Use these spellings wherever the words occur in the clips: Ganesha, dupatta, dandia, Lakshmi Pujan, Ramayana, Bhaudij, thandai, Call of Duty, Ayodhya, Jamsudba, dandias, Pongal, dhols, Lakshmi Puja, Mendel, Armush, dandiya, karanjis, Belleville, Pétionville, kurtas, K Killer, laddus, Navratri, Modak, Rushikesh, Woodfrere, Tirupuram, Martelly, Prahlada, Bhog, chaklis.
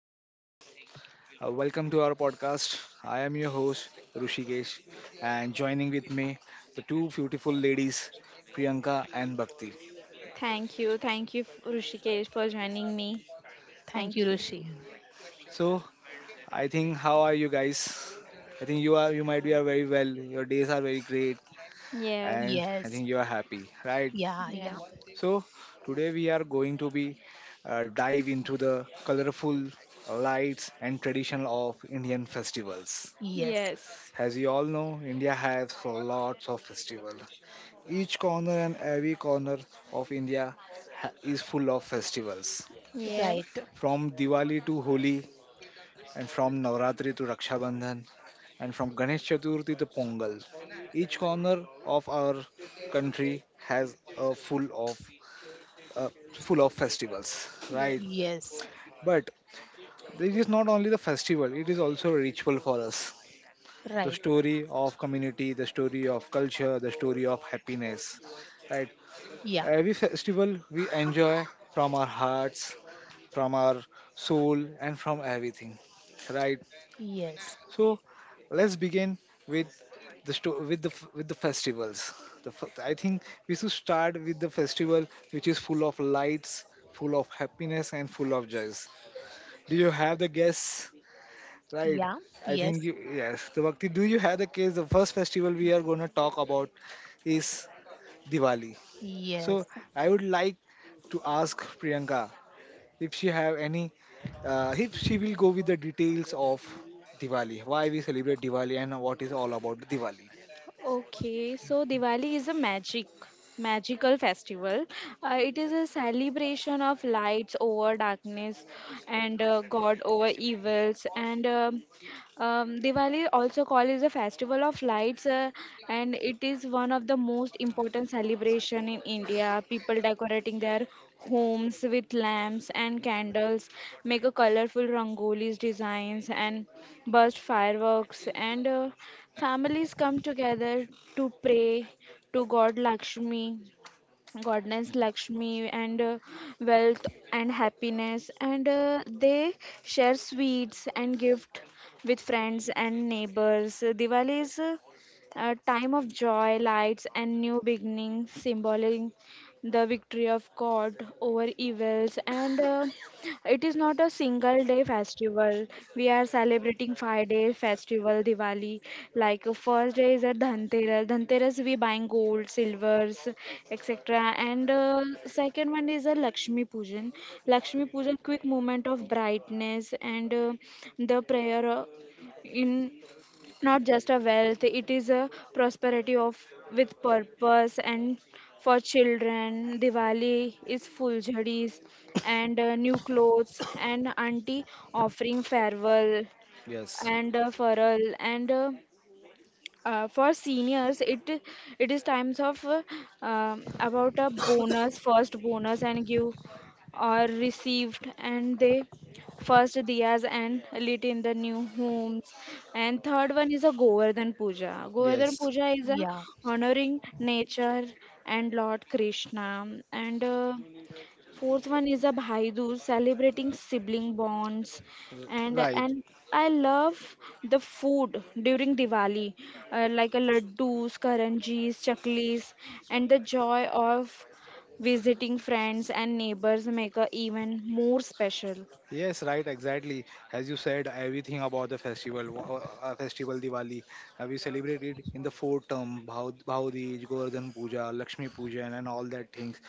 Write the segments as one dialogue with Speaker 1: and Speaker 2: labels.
Speaker 1: namaste. Welcome to our podcast. I am your host, Rushikesh, and joining with me, the two beautiful ladies, Priyanka and Bhakti.
Speaker 2: Thank you. Thank you, Rushikesh, for joining me.
Speaker 3: Thank
Speaker 2: Thank
Speaker 3: you,
Speaker 2: you.
Speaker 3: Rishi.
Speaker 1: So, I think, how are you guys? I think you might be are very well. Your days are very great, and
Speaker 2: Yes,
Speaker 1: I
Speaker 3: Yes.
Speaker 1: think you are happy, right?
Speaker 3: Yeah,
Speaker 2: yes,
Speaker 3: yeah.
Speaker 1: So, today we are going to be dive into the colorful lights and tradition of Indian festivals.
Speaker 3: Yes.
Speaker 2: yes,
Speaker 1: As you all know, India has lots of festivals. Each corner and every corner of India is full of festivals.
Speaker 2: yes,
Speaker 3: Right.
Speaker 1: From Diwali to Holi, and from Navratri to Raksha Bandhan, and from Ganesh Chaturthi to Pongal. Each corner of our country has a full of festivals,
Speaker 2: yes.
Speaker 1: right?
Speaker 3: Yes.
Speaker 1: But it is not only the festival; it is also a ritual for us, the
Speaker 3: Right.
Speaker 1: story of community, the story of culture, the story of happiness. Right?
Speaker 3: Yeah.
Speaker 1: Every festival we enjoy from our hearts, from our soul, and from everything. Right?
Speaker 3: Yes.
Speaker 1: So let's begin with the sto- with the f- with the festivals. I think we should start with the festival which is full of lights, full of happiness, and full of joys. Do you have the guess? Right.
Speaker 3: Yeah.
Speaker 1: I
Speaker 3: Yes.
Speaker 1: think you yes. So Bhakti, do you have the case? The first festival we are gonna talk about is Diwali. So
Speaker 3: Yes.
Speaker 1: I would like to ask Priyanka if she have any, if she will go with the details of Diwali, why we celebrate Diwali and what is all about Diwali.
Speaker 2: Okay, so Diwali is a magical festival. It is a celebration of lights over darkness, and God over evils. And Diwali also called is a festival of lights, and it is one of the most important celebration in India. People decorating their homes with lamps and candles, make a colorful rangolis designs and burst fireworks, and families come together to pray to God Lakshmi, Godness Lakshmi, and wealth and happiness, and they share sweets and gift with friends and neighbors. Diwali is a time of joy, lights, and new beginning, symboling the victory of God over evils, and it is not a single day festival. We are celebrating 5 day festival Diwali. Like first day is a Dhanteras. Dhanteras we buying gold, silvers, etc. And second one is a Lakshmi Pujan. Lakshmi Pujan quick moment of brightness, and the prayer in not just a wealth, it is a prosperity of with purpose. And for children Diwali is full jhadis, and new clothes and auntie offering farewell
Speaker 1: Yes.
Speaker 2: and farewell and for seniors. It is times of about a bonus, first bonus, and give or received. And they first diyas and lit in the new homes. And third one is a Govardhan Puja. Govardhan
Speaker 1: Yes.
Speaker 2: Puja is a
Speaker 3: Yeah.
Speaker 2: honoring nature and Lord Krishna, and fourth one is a Bhai Dooj, celebrating sibling bonds,
Speaker 1: R-
Speaker 2: and
Speaker 1: Right.
Speaker 2: and I love the food during Diwali, like a laddus, karanjis, chaklis, and the joy of visiting friends and neighbors make a even more special.
Speaker 1: Yes, right, exactly. As you said, everything about the festival, festival Diwali, have you celebrated in the four term, Bhaudij, Govardhan Puja, Lakshmi Puja, and all that things.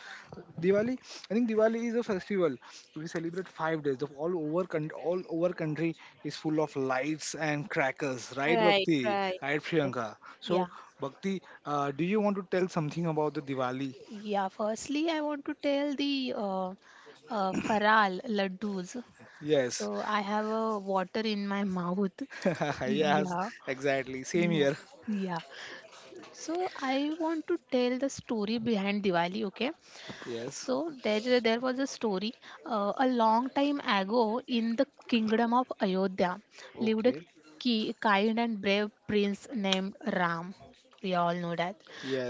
Speaker 1: Diwali, I think Diwali is a festival. We celebrate 5 days. The all over country is full of lights and crackers, right,
Speaker 2: Right,
Speaker 1: Bhakti?
Speaker 2: right.
Speaker 1: Right,
Speaker 3: So,
Speaker 1: Priyanka.
Speaker 3: yeah.
Speaker 1: So, Bhakti, do you want to tell something about the Diwali?
Speaker 3: Yeah. Firstly, I want to tell the Faral laddus.
Speaker 1: Yes,
Speaker 3: So I have a water in my mouth.
Speaker 1: yes,
Speaker 3: Yeah.
Speaker 1: exactly. Same
Speaker 3: Yeah.
Speaker 1: here.
Speaker 3: Yeah. So I want to tell the story behind Diwali, okay?
Speaker 1: Yes.
Speaker 3: So there was a story a long time ago in the kingdom of Ayodhya lived a
Speaker 1: Okay.
Speaker 3: kind and brave prince named Ram. We all know that.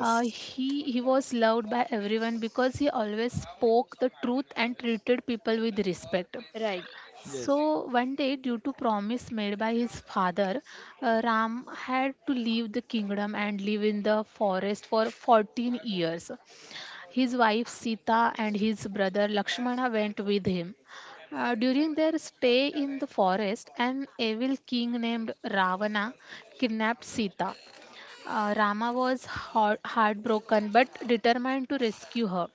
Speaker 3: Uh, he he was loved by everyone because he always spoke the truth and treated people with respect.
Speaker 2: Right.
Speaker 1: yes,
Speaker 3: So one day, due to promise made by his father, Ram had to leave the kingdom and live in the forest for 14 years. His wife Sita and his brother Lakshmana went with him. During their stay in the forest, an evil king named Ravana kidnapped Sita. Rama was heartbroken but determined to rescue her.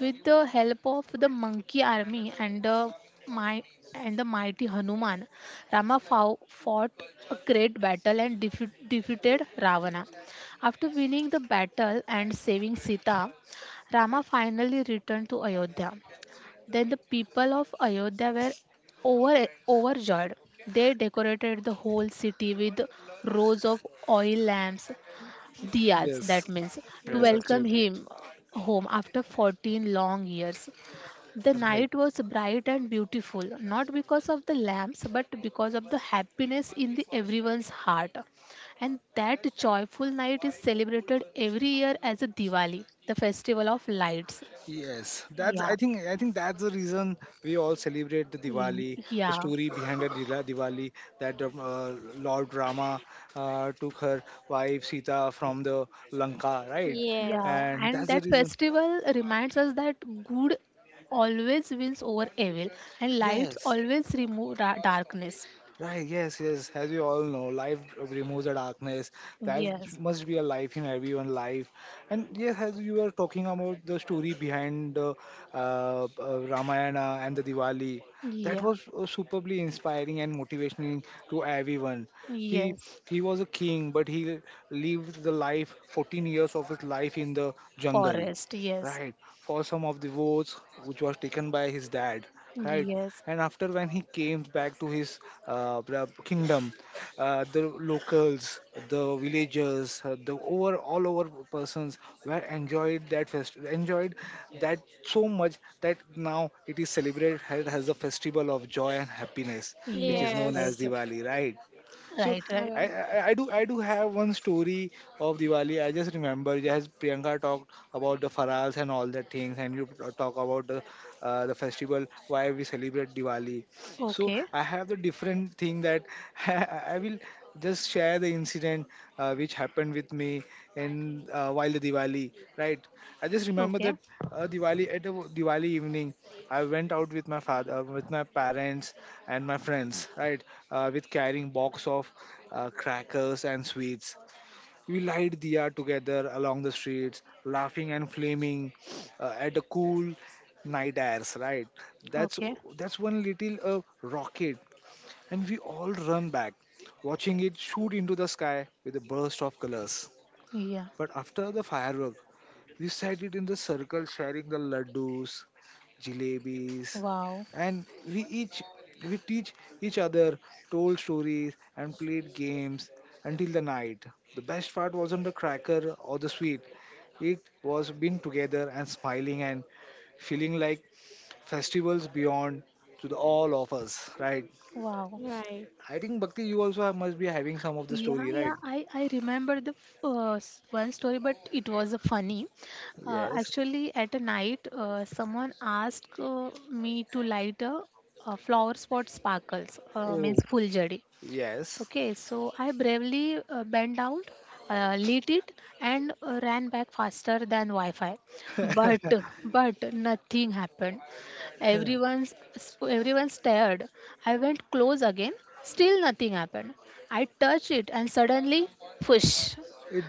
Speaker 3: With the help of the monkey army my and the mighty Hanuman, Rama fought a great battle and defeated Ravana. After winning the battle and saving Sita, Rama finally returned to Ayodhya. Then the people of Ayodhya were overjoyed. They decorated the whole city with rows of oil lamps, Diyaz,
Speaker 1: yes,
Speaker 3: that means, to
Speaker 1: yes,
Speaker 2: Yeah.
Speaker 3: welcome
Speaker 1: absolutely.
Speaker 3: him home after 14 long years. The
Speaker 1: Right.
Speaker 3: night was bright and beautiful, not because of the lamps, but because of the happiness in the everyone's heart. And that joyful night is celebrated every year as a Diwali, the festival of lights.
Speaker 1: Yes. That's
Speaker 3: Yeah,
Speaker 1: I think that's the reason we all celebrate the
Speaker 3: Y-
Speaker 1: Diwali, the
Speaker 3: yeah,
Speaker 1: story behind the Diwali, that Lord Rama took her wife Sita from the Lanka, right?
Speaker 2: Yes.
Speaker 3: yeah.
Speaker 1: And
Speaker 3: And
Speaker 1: that's the
Speaker 3: that
Speaker 1: reason.
Speaker 3: festival reminds us that good always wins over evil, and lights
Speaker 1: Yes.
Speaker 3: always remove darkness.
Speaker 1: Right, yes, yes. As we all know, life removes the darkness. That
Speaker 3: Yes,
Speaker 1: must be a life in everyone's life. And yes, as you were talking about the story behind uh, Ramayana and the Diwali, that
Speaker 3: yeah,
Speaker 1: was superbly inspiring and motivational to everyone. He
Speaker 3: yes,
Speaker 1: he was a king, but he lived the life 14 years of his life in the jungle,
Speaker 3: forest, yes,
Speaker 1: right, for some of the votes which was taken by his dad, right,
Speaker 3: yes,
Speaker 1: and after when he came back to his kingdom, the locals, the villagers, the over all over persons were enjoyed that so much that now it is celebrated as a festival of joy and happiness which
Speaker 3: yes,
Speaker 1: is known
Speaker 3: right,
Speaker 1: as
Speaker 2: Yes.
Speaker 1: Diwali, right? So
Speaker 3: right, right.
Speaker 2: Right,
Speaker 1: I do have one story of Diwali. I just remember as Priyanka talked about the farals and all the things, and you talk about the festival why we celebrate Diwali. So
Speaker 3: Okay,
Speaker 1: I have the different thing that I will just share the incident which happened with me and while the Diwali, right? I just remember
Speaker 3: okay,
Speaker 1: that Diwali at a Diwali evening. I went out with my father, with my parents and my friends, right? With carrying box of crackers and sweets. We light diya together along the streets, laughing and flaming at the cool night airs, right? That's
Speaker 3: okay,
Speaker 1: that's one little rocket, and we all run back, watching it shoot into the sky with a burst of colors.
Speaker 3: yeah,
Speaker 1: But after the firework, we sat it in the circle sharing the laddus, jalebis,
Speaker 3: wow,
Speaker 1: and we teach each other, told stories and played games until the night. The best part wasn't the cracker or the sweet. It was being together and smiling and feeling like festivals beyond to the all of us, right?
Speaker 3: wow.
Speaker 2: right.
Speaker 1: I think Bhakti, you also must be having some of the
Speaker 3: Yeah,
Speaker 1: story,
Speaker 3: yeah,
Speaker 1: right?
Speaker 3: I remember the one story, but it was a funny. Uh,
Speaker 1: Yes.
Speaker 3: actually, at a night, someone asked me to light a flower spot sparkles, means
Speaker 1: Oh,
Speaker 3: full jari.
Speaker 1: yes.
Speaker 3: Okay, so I bravely bent down, lit it, and ran back faster than Wi-Fi. But but nothing happened.
Speaker 1: it
Speaker 3: Everyone's everyone stared. I went close again. Still nothing happened. I touched it, and suddenly, push.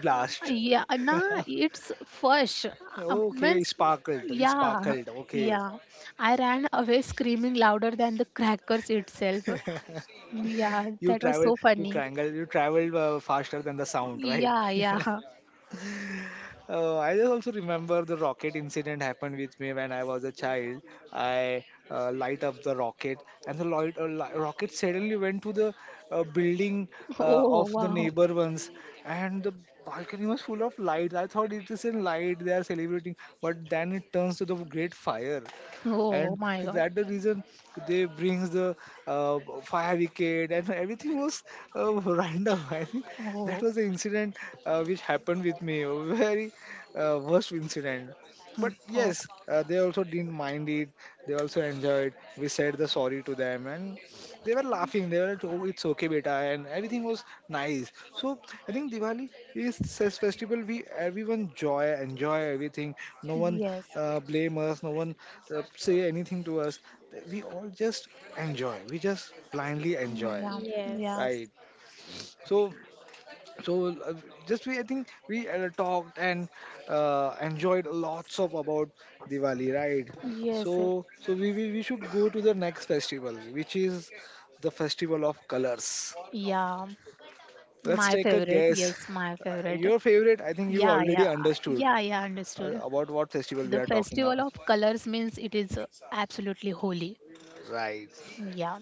Speaker 1: lasts.
Speaker 3: Yeah, nah, it's fush. Um,
Speaker 1: Okay, it
Speaker 3: means,
Speaker 1: sparkled. It
Speaker 3: yeah,
Speaker 1: sparkled. Okay.
Speaker 3: yeah. I ran away screaming louder than the crackers itself. Yeah,
Speaker 1: You
Speaker 3: that was so
Speaker 1: traveled, you
Speaker 3: funny.
Speaker 1: triangle, you traveled faster than the sound, right?
Speaker 3: Yeah, yeah.
Speaker 1: I just also remember the rocket incident happened with me when I was a child. I light up the rocket, and the light, rocket suddenly went to the building
Speaker 3: Oh,
Speaker 1: of the
Speaker 3: wow.
Speaker 1: neighbor ones, and the balcony was full of light. I thought it is a light they are celebrating, but then it turns to the great fire,
Speaker 3: Oh
Speaker 1: and
Speaker 3: my
Speaker 1: so
Speaker 3: God.
Speaker 1: that the reason they brings the fire wicket and everything was random. I think that
Speaker 3: Oh,
Speaker 1: was the incident which happened with me, a very worst incident.
Speaker 3: mm,
Speaker 1: But
Speaker 3: oh,
Speaker 1: yes, they also didn't mind it. They also enjoyed. We said the sorry to them, and they were laughing, they were like, oh, it's okay, beta, and everything was nice. So I think Diwali is this festival, we everyone joy enjoy everything, no one
Speaker 3: yes.
Speaker 1: blame us, no one say anything to us, we all just enjoy, we just blindly
Speaker 3: Mm,
Speaker 1: enjoy,
Speaker 3: yeah,
Speaker 2: Yes.
Speaker 1: right?
Speaker 3: yes.
Speaker 1: So so uh, just we, I think we talked and enjoyed lots of about Diwali, right?
Speaker 3: Yes,
Speaker 1: so
Speaker 3: yes.
Speaker 1: so we, we we should go to the next festival which is the festival of colors.
Speaker 3: Yeah,
Speaker 1: Let's
Speaker 3: my
Speaker 1: take a
Speaker 3: favorite.
Speaker 1: guess,
Speaker 3: Yes, my favorite.
Speaker 1: your favorite. I think you
Speaker 3: Yeah,
Speaker 1: already
Speaker 3: yeah,
Speaker 1: understood
Speaker 3: yeah, yeah, understood.
Speaker 1: about what festival we
Speaker 3: The
Speaker 1: are talking about,
Speaker 3: festival of colors means it is absolutely holy.
Speaker 1: right?
Speaker 3: Yeah.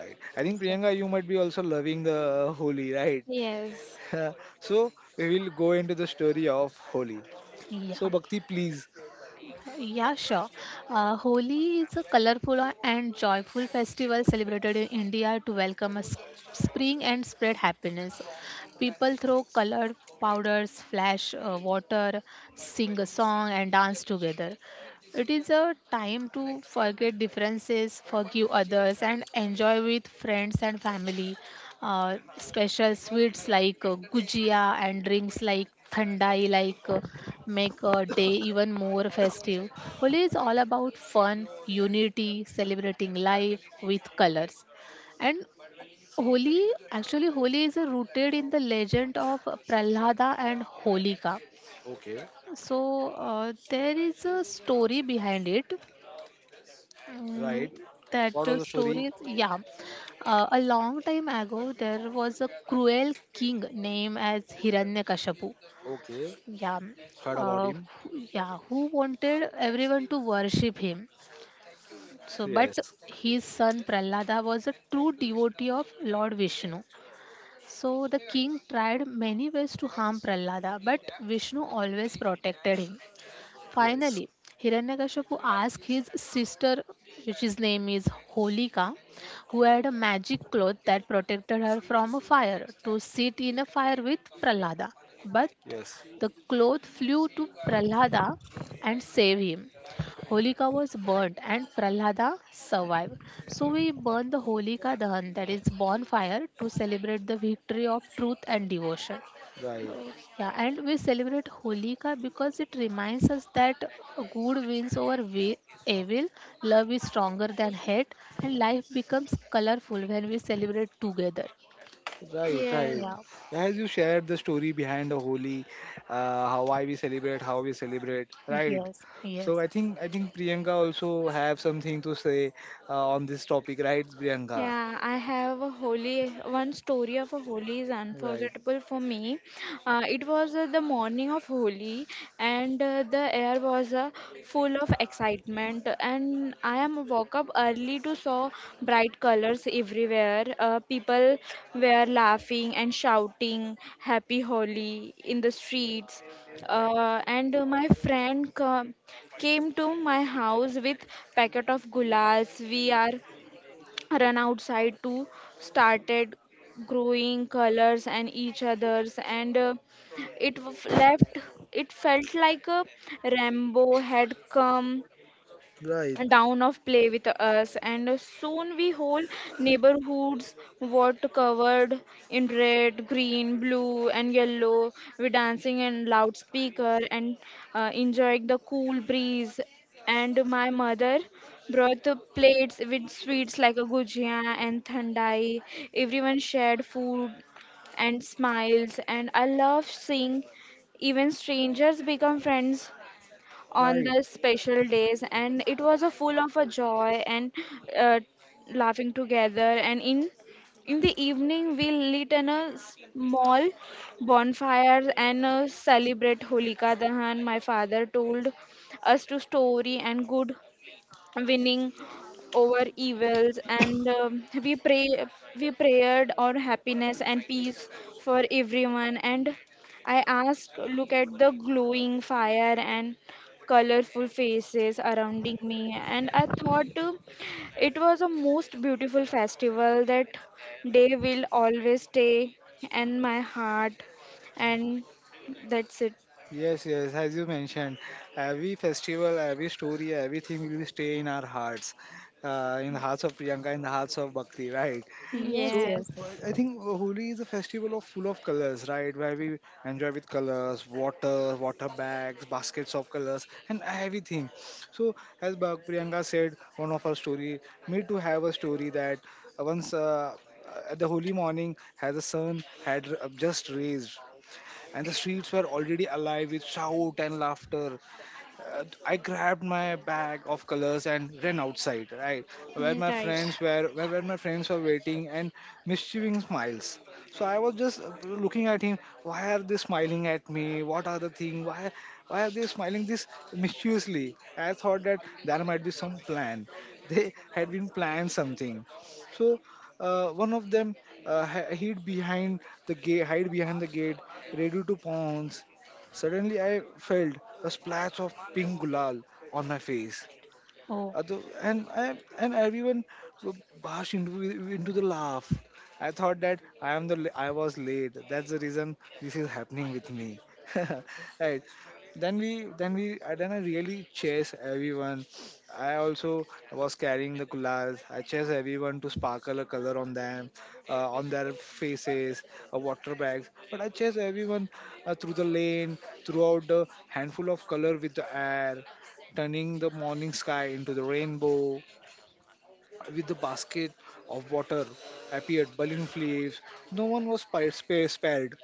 Speaker 1: Right, I think
Speaker 3: So,
Speaker 1: Priyanka, you might be also loving the Holi, right?
Speaker 2: Yes.
Speaker 1: So we will go into the story of Holi.
Speaker 3: yeah,
Speaker 1: So Bhakti, please.
Speaker 3: yeah, sure. Holi is a colorful and joyful festival celebrated in India to welcome a spring and spread happiness. People throw colored powders, flash water, sing a song, and dance together. It is a time to forget differences, forgive others, and enjoy with friends and family. Special sweets like gujia and drinks like thandai like make a day even more festive. Holi is all about fun, unity, celebrating life with colors. And Holi, actually, Holi is rooted in the legend of Prahlada and Holika.
Speaker 1: Okay.
Speaker 3: So there is a story behind it. Mm,
Speaker 1: Right.
Speaker 3: that,
Speaker 1: What was the story?
Speaker 3: stories. Yeah. A long time ago there was a cruel king named as Hiranyakashipu.
Speaker 1: Okay,
Speaker 3: Yeah.
Speaker 1: heard about him.
Speaker 3: Yeah, who wanted everyone to worship him. So but
Speaker 1: Yes,
Speaker 3: his son Prahlada was a true devotee of Lord Vishnu. So the king tried many ways to harm Prahlada, but Vishnu always protected him.
Speaker 1: yes,
Speaker 3: Finally, Hiranyakashipu asked his sister, which his name is Holika, who had a magic cloth that protected her from a fire, to sit in a fire with Prahlada. But
Speaker 1: yes.
Speaker 3: the cloth flew to Prahlada and saved him. Holika was burnt and Prahlada survived. So we burn the Holika Dahan, that is bonfire, to celebrate the victory of truth and devotion.
Speaker 1: Right,
Speaker 2: Oh,
Speaker 3: Yeah, and we celebrate Holika because it reminds us that good wins over evil, love is stronger than hate, and life becomes colorful when we celebrate together.
Speaker 1: right,
Speaker 2: yes.
Speaker 1: right.
Speaker 3: Yeah,
Speaker 1: As you shared the story behind the Holi, how why we celebrate, how we celebrate. Right.
Speaker 3: yes,
Speaker 1: So
Speaker 3: yes,
Speaker 1: I think Priyanka also have something to say on this topic, right, Priyanka?
Speaker 2: Yeah, I have a holy one story of a holy is
Speaker 1: Right,
Speaker 2: unforgettable for me. It was the morning of holy, and the air was full of excitement. And I am woke up early to saw bright colors everywhere. People were laughing and shouting "Happy Holi" in the streets. And my friend came to my house with packet of gulals. We are run outside to started growing colors and each others, and it w- left it felt like a Rambo had come
Speaker 1: right,
Speaker 2: down of play with us. And soon we whole neighborhoods were covered in red, green, blue, and yellow, we dancing and loudspeaker, and enjoying the cool breeze. And my mother brought the plates with sweets like a gujia and thandai. Everyone shared food and smiles, and I love seeing even strangers become friends on
Speaker 1: right.
Speaker 2: the special days. And it was a full of a joy, and uh, laughing together. And in the evening we lit an a small bonfire, and celebrate Holika Dahan. My father told us to story and good winning over evils. And we prayed our happiness and peace for everyone. And I ask, look at the glowing fire and colorful faces surrounding me, and I thought it was a most beautiful festival. That day will always stay in my heart. And that's it.
Speaker 1: Yes, yes. As you mentioned, every festival, every story, everything will stay in our hearts, in the hearts of Priyanka, in the hearts of Bhakti, right?
Speaker 3: yes,
Speaker 1: So
Speaker 3: yes.
Speaker 2: Yes.
Speaker 1: I think Holi is a festival of full of colors, right? Where we enjoy with colors, water, water bags, baskets of colors, and everything. So as Priyanka said, one of her story, me too have a story that once at the holy morning, as the sun had just raised, and the streets were already alive with shout and laughter, I grabbed my bag of colors and ran outside, right, where
Speaker 2: Mm,
Speaker 1: my
Speaker 2: right.
Speaker 1: friends were, where my friends were waiting and mischievous smiles. So I was just looking at him. Why are they smiling at me? What are the thing? Why are they smiling this mischievously? I thought that there might be some plan. They had been planned something. So one of them uh, hi- hid behind hide behind the gate, ready to pounce. Suddenly, I felt a splash of pink gulal on my face.
Speaker 3: Oh,
Speaker 1: Other, and I, and everyone bash into the laugh. I thought that I was late. That's the reason this is happening with me. Right. Then I really chase everyone. I also was carrying the coolers. I chase everyone to sparkle a color on them, on their faces, water bags. But I chase everyone through the lane, throughout the handful of color with the air turning the morning sky into the rainbow, with the basket of water appeared balloon flips. No one was spared.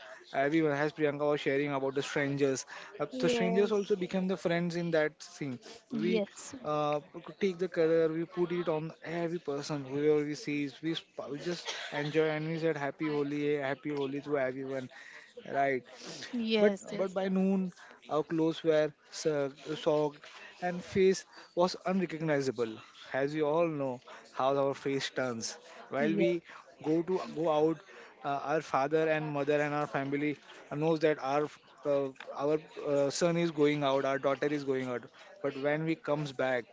Speaker 1: Everyone, as Priyanka was sharing about the strangers, the strangers
Speaker 2: Yes,
Speaker 1: also became the friends in that scene. We
Speaker 3: yes,
Speaker 1: could take the color, we put it on every person whoever we see, we just enjoy and we said happy Holi, happy Holi to everyone, right? but
Speaker 3: yes,
Speaker 1: but
Speaker 3: yes,
Speaker 1: by noon, our clothes were soaked, and face was unrecognizable. As we all know how our face turns. While
Speaker 3: yes.
Speaker 1: we go out, our father and mother and our family knows that uh, our son is going out, our daughter is going out. But when we comes back,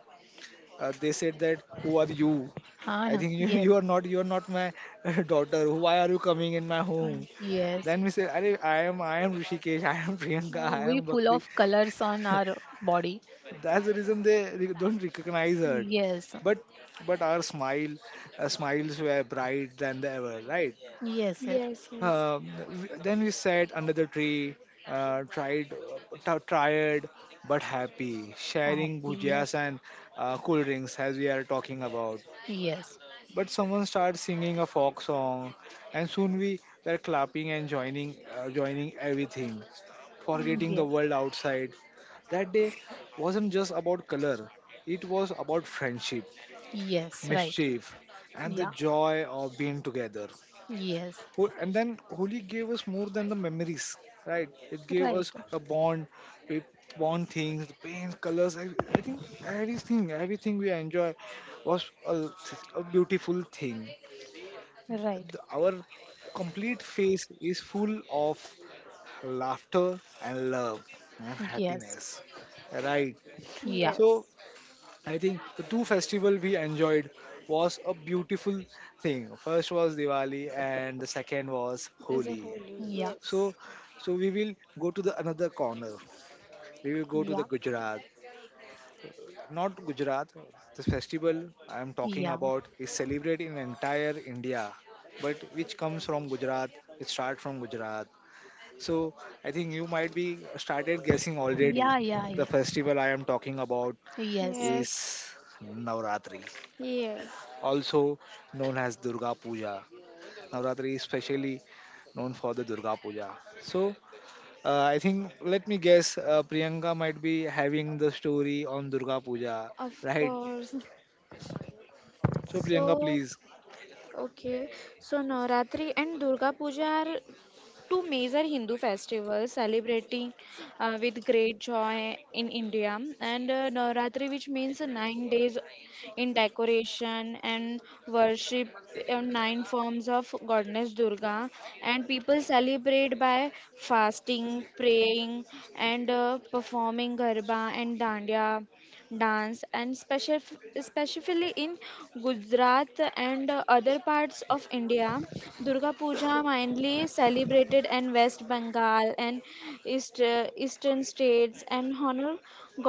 Speaker 1: they said that who are you?
Speaker 3: Ah,
Speaker 1: I
Speaker 3: no.
Speaker 1: think
Speaker 3: Yes.
Speaker 1: you are not, you are not my daughter. Why are you coming in my home?
Speaker 3: Mm. Yes.
Speaker 1: Then we say, "Arey, I am Rishikesh, I am Priyanka,
Speaker 3: Yeah,
Speaker 1: I
Speaker 3: we
Speaker 1: am
Speaker 3: full
Speaker 1: Bhakti.
Speaker 3: of colors on our body.
Speaker 1: That's the reason they don't recognize her.
Speaker 3: Yes,
Speaker 1: But, but our smile, smiles were bright than ever, right?
Speaker 3: yes, yes.
Speaker 2: yes, yes.
Speaker 1: Then we sat under the tree, uh, tried, tired but happy, sharing
Speaker 3: Happy, yes,
Speaker 1: bhujias and cool drinks as we are talking about.
Speaker 3: yes,
Speaker 1: But someone started singing a folk song, and soon we were clapping and joining everything, forgetting the
Speaker 3: yes.
Speaker 1: world outside. That day wasn't just about color, it was about friendship,
Speaker 3: Yes, right.
Speaker 1: mischief, and the
Speaker 3: Yeah.
Speaker 1: joy of being together.
Speaker 3: Yes.
Speaker 1: And then Holi gave us more than the memories, right? It gave
Speaker 3: Right.
Speaker 1: us a bond, we bond things, the paints, colors. I think everything we enjoy was a beautiful thing.
Speaker 3: Right.
Speaker 1: Our complete face is full of laughter and love and
Speaker 3: Yes.
Speaker 1: happiness. Right.
Speaker 3: Yeah.
Speaker 2: Yes,
Speaker 1: So I think the two festival we enjoyed was a beautiful thing. First was Diwali and the second was
Speaker 2: the
Speaker 1: Holi.
Speaker 2: holy,
Speaker 3: Yeah.
Speaker 2: yes,
Speaker 1: So so we will go to the another corner. We will go to the
Speaker 3: Yeah.
Speaker 1: Gujarat. Not Gujarat. This festival I am talking
Speaker 3: Yeah.
Speaker 1: about is celebrated in entire India, but which comes from Gujarat. It starts from Gujarat. So I think you might be started guessing already.
Speaker 3: Yeah. Yeah.
Speaker 1: The
Speaker 3: Yeah.
Speaker 1: festival I am talking about
Speaker 3: Yes.
Speaker 1: is
Speaker 2: yes,
Speaker 1: Navratri,
Speaker 2: yes,
Speaker 1: also known as Durga Puja. Navratri is specially known for the Durga Puja. So I think let me guess, Priyanka might be having the story on Durga Puja,
Speaker 2: of
Speaker 1: right?
Speaker 2: course.
Speaker 1: So Priyanka,
Speaker 2: So,
Speaker 1: please.
Speaker 2: okay, so Navratri and Durga Puja are two major Hindu festivals celebrating with great joy in India. And Navratri, which means 9 days in decoration and worship nine forms of goddess Durga, and people celebrate by fasting, praying, and performing garba and dandiya dance, and especially in Gujarat and other parts of India. Durga Puja mainly celebrated in West Bengal and eastern states and honor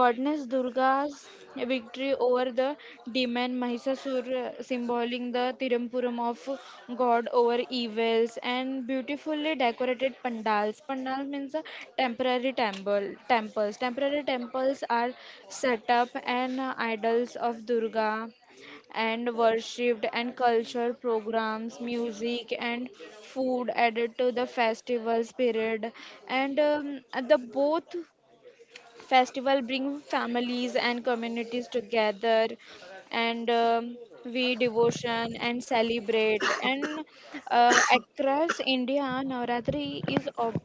Speaker 2: goddess Durga's a victory over the demon Mahisasur, symboling the Tirupuram of God over evils, and beautifully decorated pandals. Pandals means a temporary temple. Temples. Temporary temples are set up, and idols of Durga and worshipped and culture programs music and food added to the festival spirit, and the both festival bring families and communities together, and we devotion and celebrate. And across India Navratri is ob-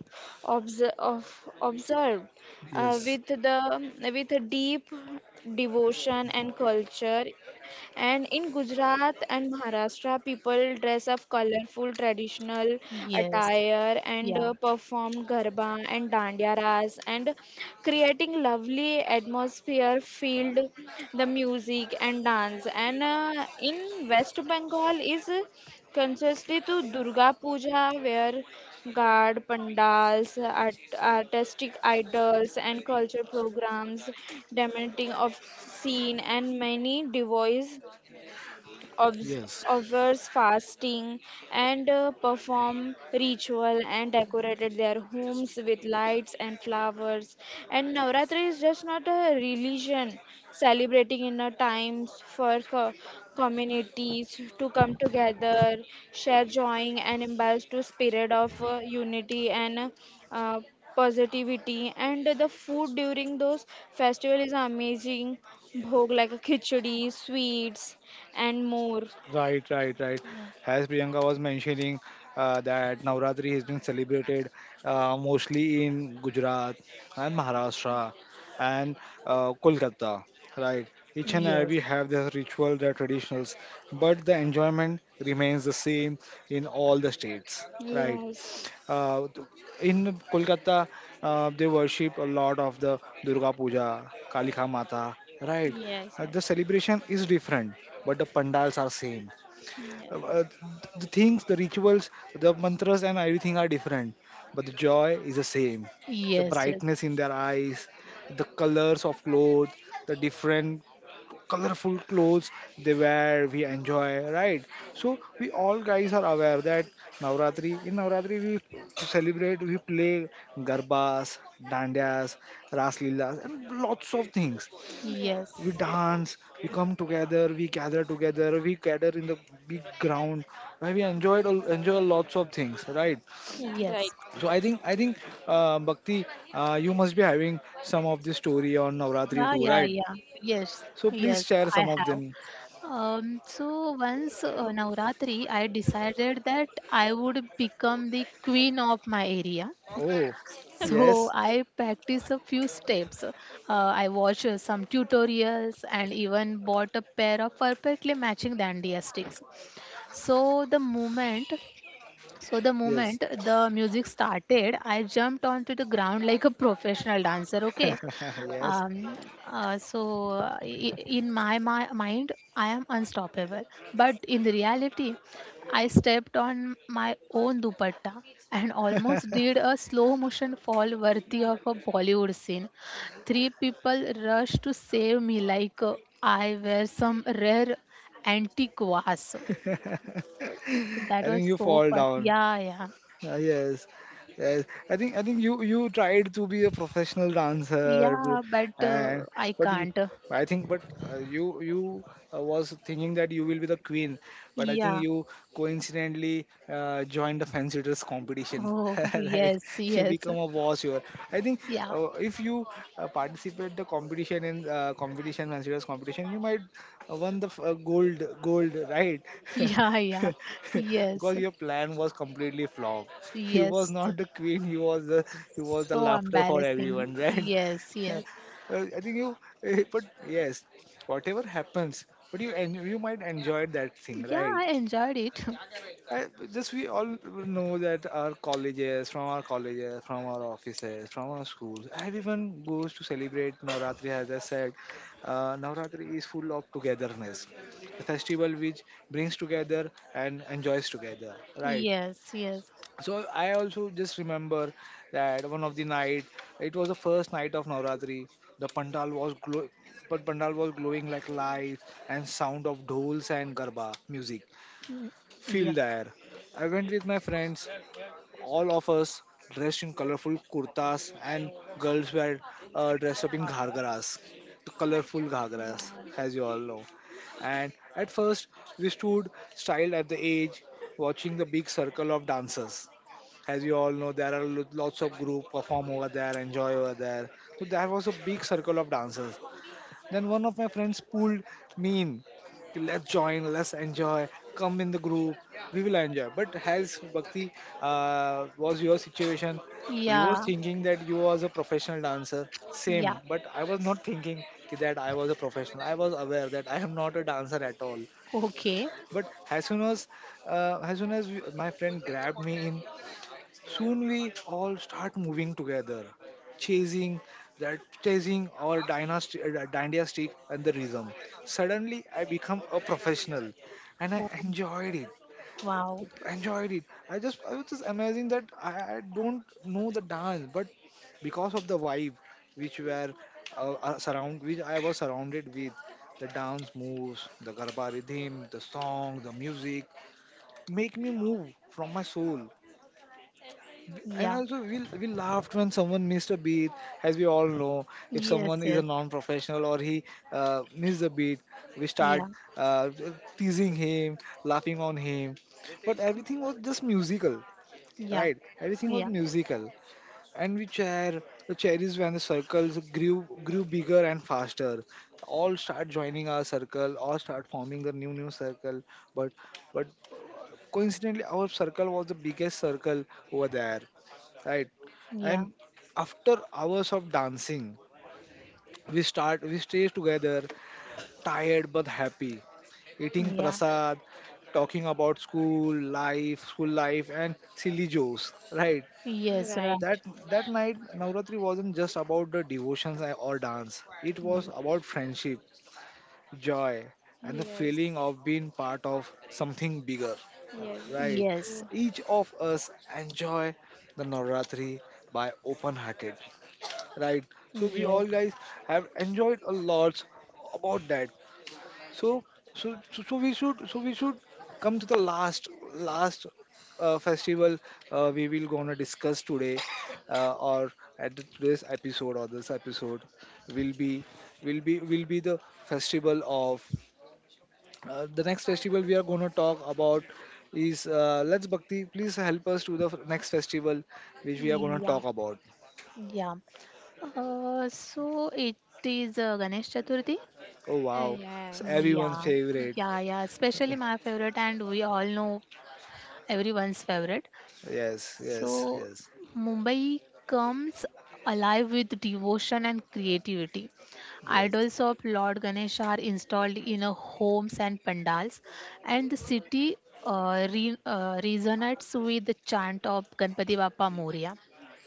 Speaker 2: obs- of observed
Speaker 1: Yes,
Speaker 2: with the with a deep devotion and culture. And in Gujarat and Maharashtra, people dress up colorful traditional
Speaker 3: Yes.
Speaker 2: attire, and
Speaker 3: Yeah.
Speaker 2: perform garba and dandiya ras, and creating lovely atmosphere filled the music and dance. And in West Bengal is concisely to Durga Puja, where guard pandals, art, artistic idols, and culture programs, dementing of scene, and many devoice obs-
Speaker 1: yes.
Speaker 2: observe fasting, and perform ritual and decorated their homes with lights and flowers. And Navratri is just not a religion, celebrating inner times for communities to come together, share joy, and imbibe to spirit of unity, and uh, positivity. And the food during those festival is amazing Bhog, like a khichdi, sweets, and more.
Speaker 1: Right, right, right.
Speaker 3: Mm.
Speaker 1: As Priyanka was mentioning, that Navratri has been celebrated mostly in Gujarat and Maharashtra and Kolkata, right? Each and every
Speaker 3: Yes.
Speaker 1: have their ritual, their traditionals, but the enjoyment remains the same in all the states, right?
Speaker 2: Yes.
Speaker 1: Uh, th- in Kolkata, they worship a lot of the Durga Puja, Kalika Mata, right?
Speaker 2: Yes,
Speaker 1: The
Speaker 2: yes,
Speaker 1: celebration is different, but the pandals are same, uh, uh,
Speaker 2: yes,
Speaker 1: the things, the rituals, the mantras, and everything are different, but the joy is the same. The
Speaker 3: Yes. Yes.
Speaker 1: brightness in their eyes, the colors of clothes, the different colorful clothes they wear, we enjoy, right? So we all guys are aware that Navratri, in Navratri we celebrate, we play garbas, dandias, ras leelas, and lots of things.
Speaker 3: Yes.
Speaker 1: We
Speaker 2: yes.
Speaker 1: dance, we come together, we gather in the big ground where we enjoy lots of things, right?
Speaker 3: Yes.
Speaker 1: So I think Bhakti, you must be having some of this story on Navratri
Speaker 3: Yeah.
Speaker 1: too,
Speaker 3: Yeah.
Speaker 1: right?
Speaker 3: Yeah. Yes.
Speaker 1: So please
Speaker 3: Yes.
Speaker 1: share
Speaker 3: I
Speaker 1: some of
Speaker 3: have.
Speaker 1: them.
Speaker 3: So once Navratri, I decided that I would become the queen of my area.
Speaker 1: Oh,
Speaker 3: So
Speaker 1: yes,
Speaker 3: I practice a few steps. I watch some tutorials and even bought a pair of perfectly matching dandia sticks. So the moment
Speaker 1: yes,
Speaker 3: the music started, I jumped onto the ground like a professional dancer. Okay.
Speaker 1: yes.
Speaker 3: um, in my mind, I am unstoppable. But in the reality, I stepped on my own dupatta and almost did a slow motion fall worthy of a Bollywood scene. Three people rushed to save me like I were some rare antique vase. So that
Speaker 1: I think
Speaker 3: was
Speaker 1: you
Speaker 3: so
Speaker 1: fall
Speaker 3: fun.
Speaker 1: down.
Speaker 3: Yeah, yeah.
Speaker 1: Yes, yes. I think you tried to be a professional dancer,
Speaker 3: Yeah, but
Speaker 1: and
Speaker 3: I
Speaker 1: but you,
Speaker 3: can't.
Speaker 1: I think, but you was thinking that you will be the queen, but I think
Speaker 3: Yeah.
Speaker 1: you coincidentally joined the fancy dress competition,
Speaker 3: Oh,
Speaker 1: right?
Speaker 3: yes,
Speaker 1: You
Speaker 3: yes.
Speaker 1: become a boss here. I think
Speaker 3: Yeah.
Speaker 1: if you participate the competition in competition fancy dress competition, you might won the gold, right?
Speaker 3: Yeah, yeah. Yes.
Speaker 1: because your plan was completely flop. You was
Speaker 3: Yes.
Speaker 1: not the queen. You was the
Speaker 3: So
Speaker 1: laughter for
Speaker 3: embarrassing.
Speaker 1: everyone, right?
Speaker 3: Yes, yes.
Speaker 1: I think you, but yes, whatever happens, but you might enjoy that thing,
Speaker 3: Yeah,
Speaker 1: right?
Speaker 3: I enjoyed it.
Speaker 1: I, just we all know that our colleges, from our offices, from our schools, everyone goes to celebrate Navratri. As I said, Navratri is full of togetherness, a festival which brings together and enjoys together, right?
Speaker 3: Yes, yes.
Speaker 1: So I also just remember that one of the night, it was the first night of Navratri. The pandal was glow but pandal was glowing like lights, and sound of dhols and garba music
Speaker 3: Yeah.
Speaker 1: filled the air. I went with my friends, all of us dressed in colorful kurtas, and girls were dressed up in ghargaras, the colorful ghargaras, as you all know. And at first we stood styled at the edge, watching the big circle of dancers. As you all know, there are lots of group perform over there, enjoy over there. So there was a big circle of dancers. Then one of my friends pulled me in. Let's join, let's enjoy. Come in the group, we will enjoy. But as Bhakti, was your situation, you was
Speaker 3: Yeah.
Speaker 1: thinking that you was a professional dancer.
Speaker 3: Yeah.
Speaker 1: Same, but I was not thinking ki that I was a professional. I was aware that I am not a dancer at all.
Speaker 3: Okay.
Speaker 1: But as soon as as soon as my friend grabbed me in, soon we all start moving together, chasing chasing our dynastic and the rhythm. Suddenly, I become a professional, and I
Speaker 3: Oh,
Speaker 1: enjoyed it.
Speaker 3: wow.
Speaker 1: Enjoyed it. I was just amazing that I don't know the dance, but because of the vibe which were which I was surrounded with, the dance moves, the garba rhythm, the song, the music, make me move from my soul. And
Speaker 3: Yeah.
Speaker 1: also we laughed when someone missed a beat. As we all know, if someone
Speaker 3: Yes,
Speaker 1: is a
Speaker 3: yes.
Speaker 1: non-professional or he missed a beat, we start
Speaker 3: Yeah.
Speaker 1: uh, teasing him, laughing on him, but everything was just musical,
Speaker 3: Yeah.
Speaker 1: right? Everything was
Speaker 3: Yeah.
Speaker 1: musical. And we chair the cherries when the circles grew bigger and faster. All start joining our circle, all start forming the new circle. But but coincidentally our circle was the biggest circle over there, right?
Speaker 3: Yeah.
Speaker 1: And after hours of dancing, we stay together, tired but happy, eating
Speaker 3: Yeah.
Speaker 1: prasad, talking about school life and silly jokes, right?
Speaker 2: Mm, right, yeah,
Speaker 3: Yes,
Speaker 2: right.
Speaker 1: That that night Navratri wasn't just about the devotions or dance, it
Speaker 3: right.
Speaker 1: was about friendship, joy, and the
Speaker 2: Yes,
Speaker 1: feeling of being part of something bigger,
Speaker 2: yes.
Speaker 1: right?
Speaker 3: Yes.
Speaker 1: Each of us enjoy the Navratri by open hearted, right? So we all
Speaker 3: Yes.
Speaker 1: guys have enjoyed a lot about that. So so so, so we should so we should come to the last festival we will gonna discuss today, or today's episode. Or this episode will be will be the festival of, the next festival we are going to talk about is, Let's Bhakti. Please help us to the next festival which we are going to
Speaker 3: Yeah,
Speaker 1: talk about.
Speaker 3: yeah, so it is Ganesh Chaturthi.
Speaker 1: Oh
Speaker 2: Ah,
Speaker 1: wow,
Speaker 2: yes,
Speaker 1: it's everyone's
Speaker 3: Yeah,
Speaker 1: favorite.
Speaker 3: yeah, yeah, especially my favorite, and we all know everyone's favorite.
Speaker 1: Yes, yes,
Speaker 3: So,
Speaker 1: yes,
Speaker 3: Mumbai comes alive with devotion and creativity.
Speaker 1: yes,
Speaker 3: Idols of Lord Ganesh are installed in homes and pandals, and the city resonates with the chant of Ganpati Bappa Moria.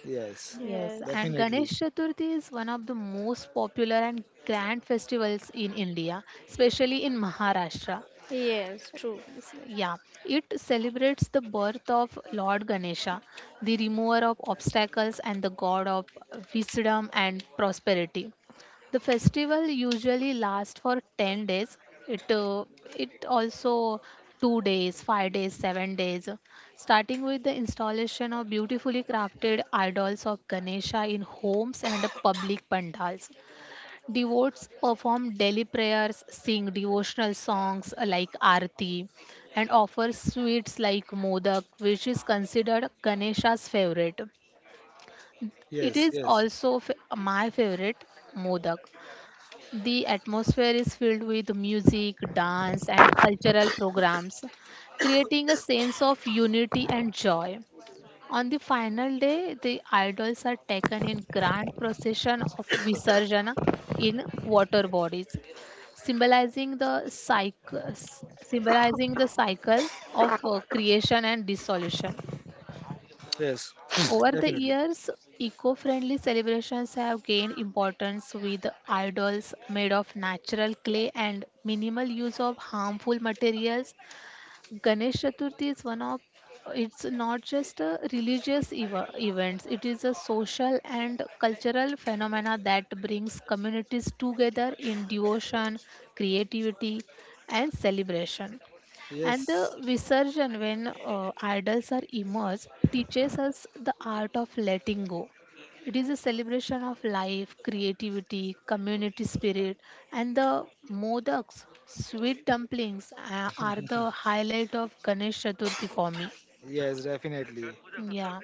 Speaker 1: yes,
Speaker 3: Yes,
Speaker 2: yes,
Speaker 3: and Ganesh
Speaker 1: definitely.
Speaker 3: Chaturthi is one of the most popular and grand festivals in India, especially in Maharashtra.
Speaker 2: yes, true.
Speaker 3: is- yeah, it celebrates the birth of Lord Ganesha, the remover of obstacles and the god of wisdom and prosperity. The festival usually lasts for 10 days. It uh, it also 2 days, 5 days, 7 days, starting with the installation of beautifully crafted idols of Ganesha in homes and public pandals. Devotees perform daily prayers, sing devotional songs like Aarti, and offer sweets like Modak, which is considered Ganesha's favorite. It
Speaker 1: Yes,
Speaker 3: is
Speaker 1: yes,
Speaker 3: also my favorite, Modak. The atmosphere is filled with music, dance, and cultural programs, creating a sense of unity and joy. On the final day, the idols are taken in grand procession of Visarjana in water bodies, symbolizing the cycle, symbolizing the cycle of creation and dissolution.
Speaker 1: yes,
Speaker 3: Over the
Speaker 1: definitely.
Speaker 3: years, eco-friendly celebrations have gained importance with idols made of natural clay and minimal use of harmful materials. Ganesh Chaturthi is one of It's not just a religious eva events, it is a social and cultural phenomena that brings communities together in devotion, creativity, and celebration. And
Speaker 1: Yes,
Speaker 3: the Visarjan, when idols are immersed, teaches us the art of letting go. It is a celebration of life, creativity, community spirit, and the modaks, sweet dumplings, are the highlight of Ganesh Chaturthi for me.
Speaker 1: yes, definitely.
Speaker 3: Yeah.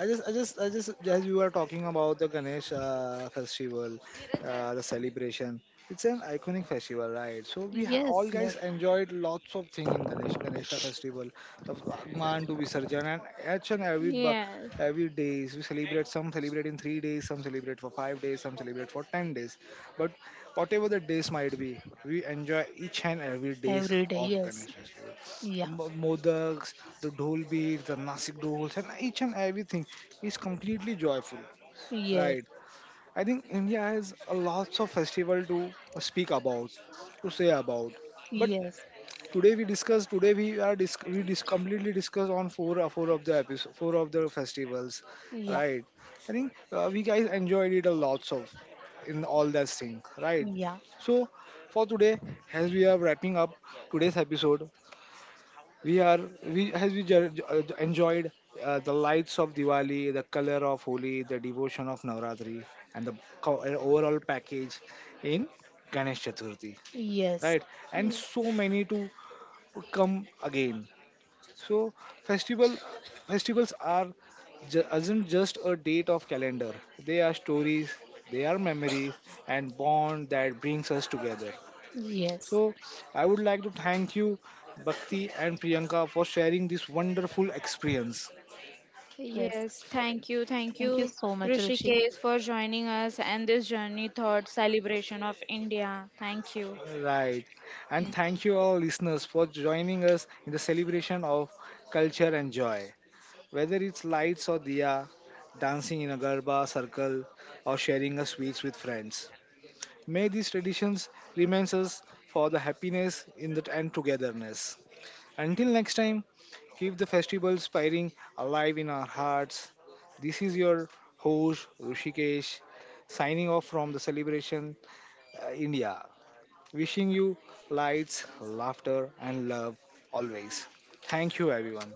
Speaker 1: I just, as we were talking about the Ganesh festival, the celebration. It's an iconic festival, right? So all
Speaker 3: Yes,
Speaker 1: guys
Speaker 3: yes.
Speaker 1: enjoyed lots of thing in Ganesha festival, of Agman to Visarjan, and each and every bu-
Speaker 2: Yes.
Speaker 1: every days we celebrate. Some celebrate in 3 days, some celebrate for 5 days, some celebrate for 10 days. But whatever the days might be, we enjoy each and every days
Speaker 3: Every day,
Speaker 1: of
Speaker 3: yes.
Speaker 1: Ganesh festival,
Speaker 3: Yeah.
Speaker 1: modaks, the dhol beats, the nasik dhols, and each and everything is completely joyful,
Speaker 3: Yes.
Speaker 1: right? I think India has a lots of festival to speak about, to say about. But
Speaker 3: Yes.
Speaker 1: today we discuss. Today we are disc- we dis- completely discuss on four of the episode, four of the festivals,
Speaker 3: Yeah.
Speaker 1: right? I think we guys enjoyed it a lots of in all that thing, right?
Speaker 3: Yeah.
Speaker 1: So for today, as we are wrapping up today's episode, we are we as we ju- ju- enjoyed the lights of Diwali, the color of Holi, the devotion of Navratri, and the overall package in Ganesh Chaturthi,
Speaker 3: Yes.
Speaker 1: right? And
Speaker 2: Yes.
Speaker 1: so many to come again. So festival festivals are isn't just a date of calendar. They are stories, they are memories, and bond that brings us together.
Speaker 3: Yes.
Speaker 1: So, I would like to thank you, Bhakti and Priyanka, for sharing this wonderful experience.
Speaker 3: Yes.
Speaker 2: Yes, thank
Speaker 3: Thank you
Speaker 2: you,
Speaker 3: so much, Rishi.
Speaker 2: Rishikesh, for joining us and this journey thought celebration of India. Thank you.
Speaker 1: Right. And thank you, all listeners, for joining us in the celebration of culture and joy. Whether it's lights or diya, dancing in a garba circle, or sharing a sweets with friends. May these traditions remain us for the happiness in the, and togetherness. Until next time, keep the festival spiring alive in our hearts. This is your host Rushikesh, signing off from the celebration India. Wishing you lights, laughter, and love always. Thank you, everyone.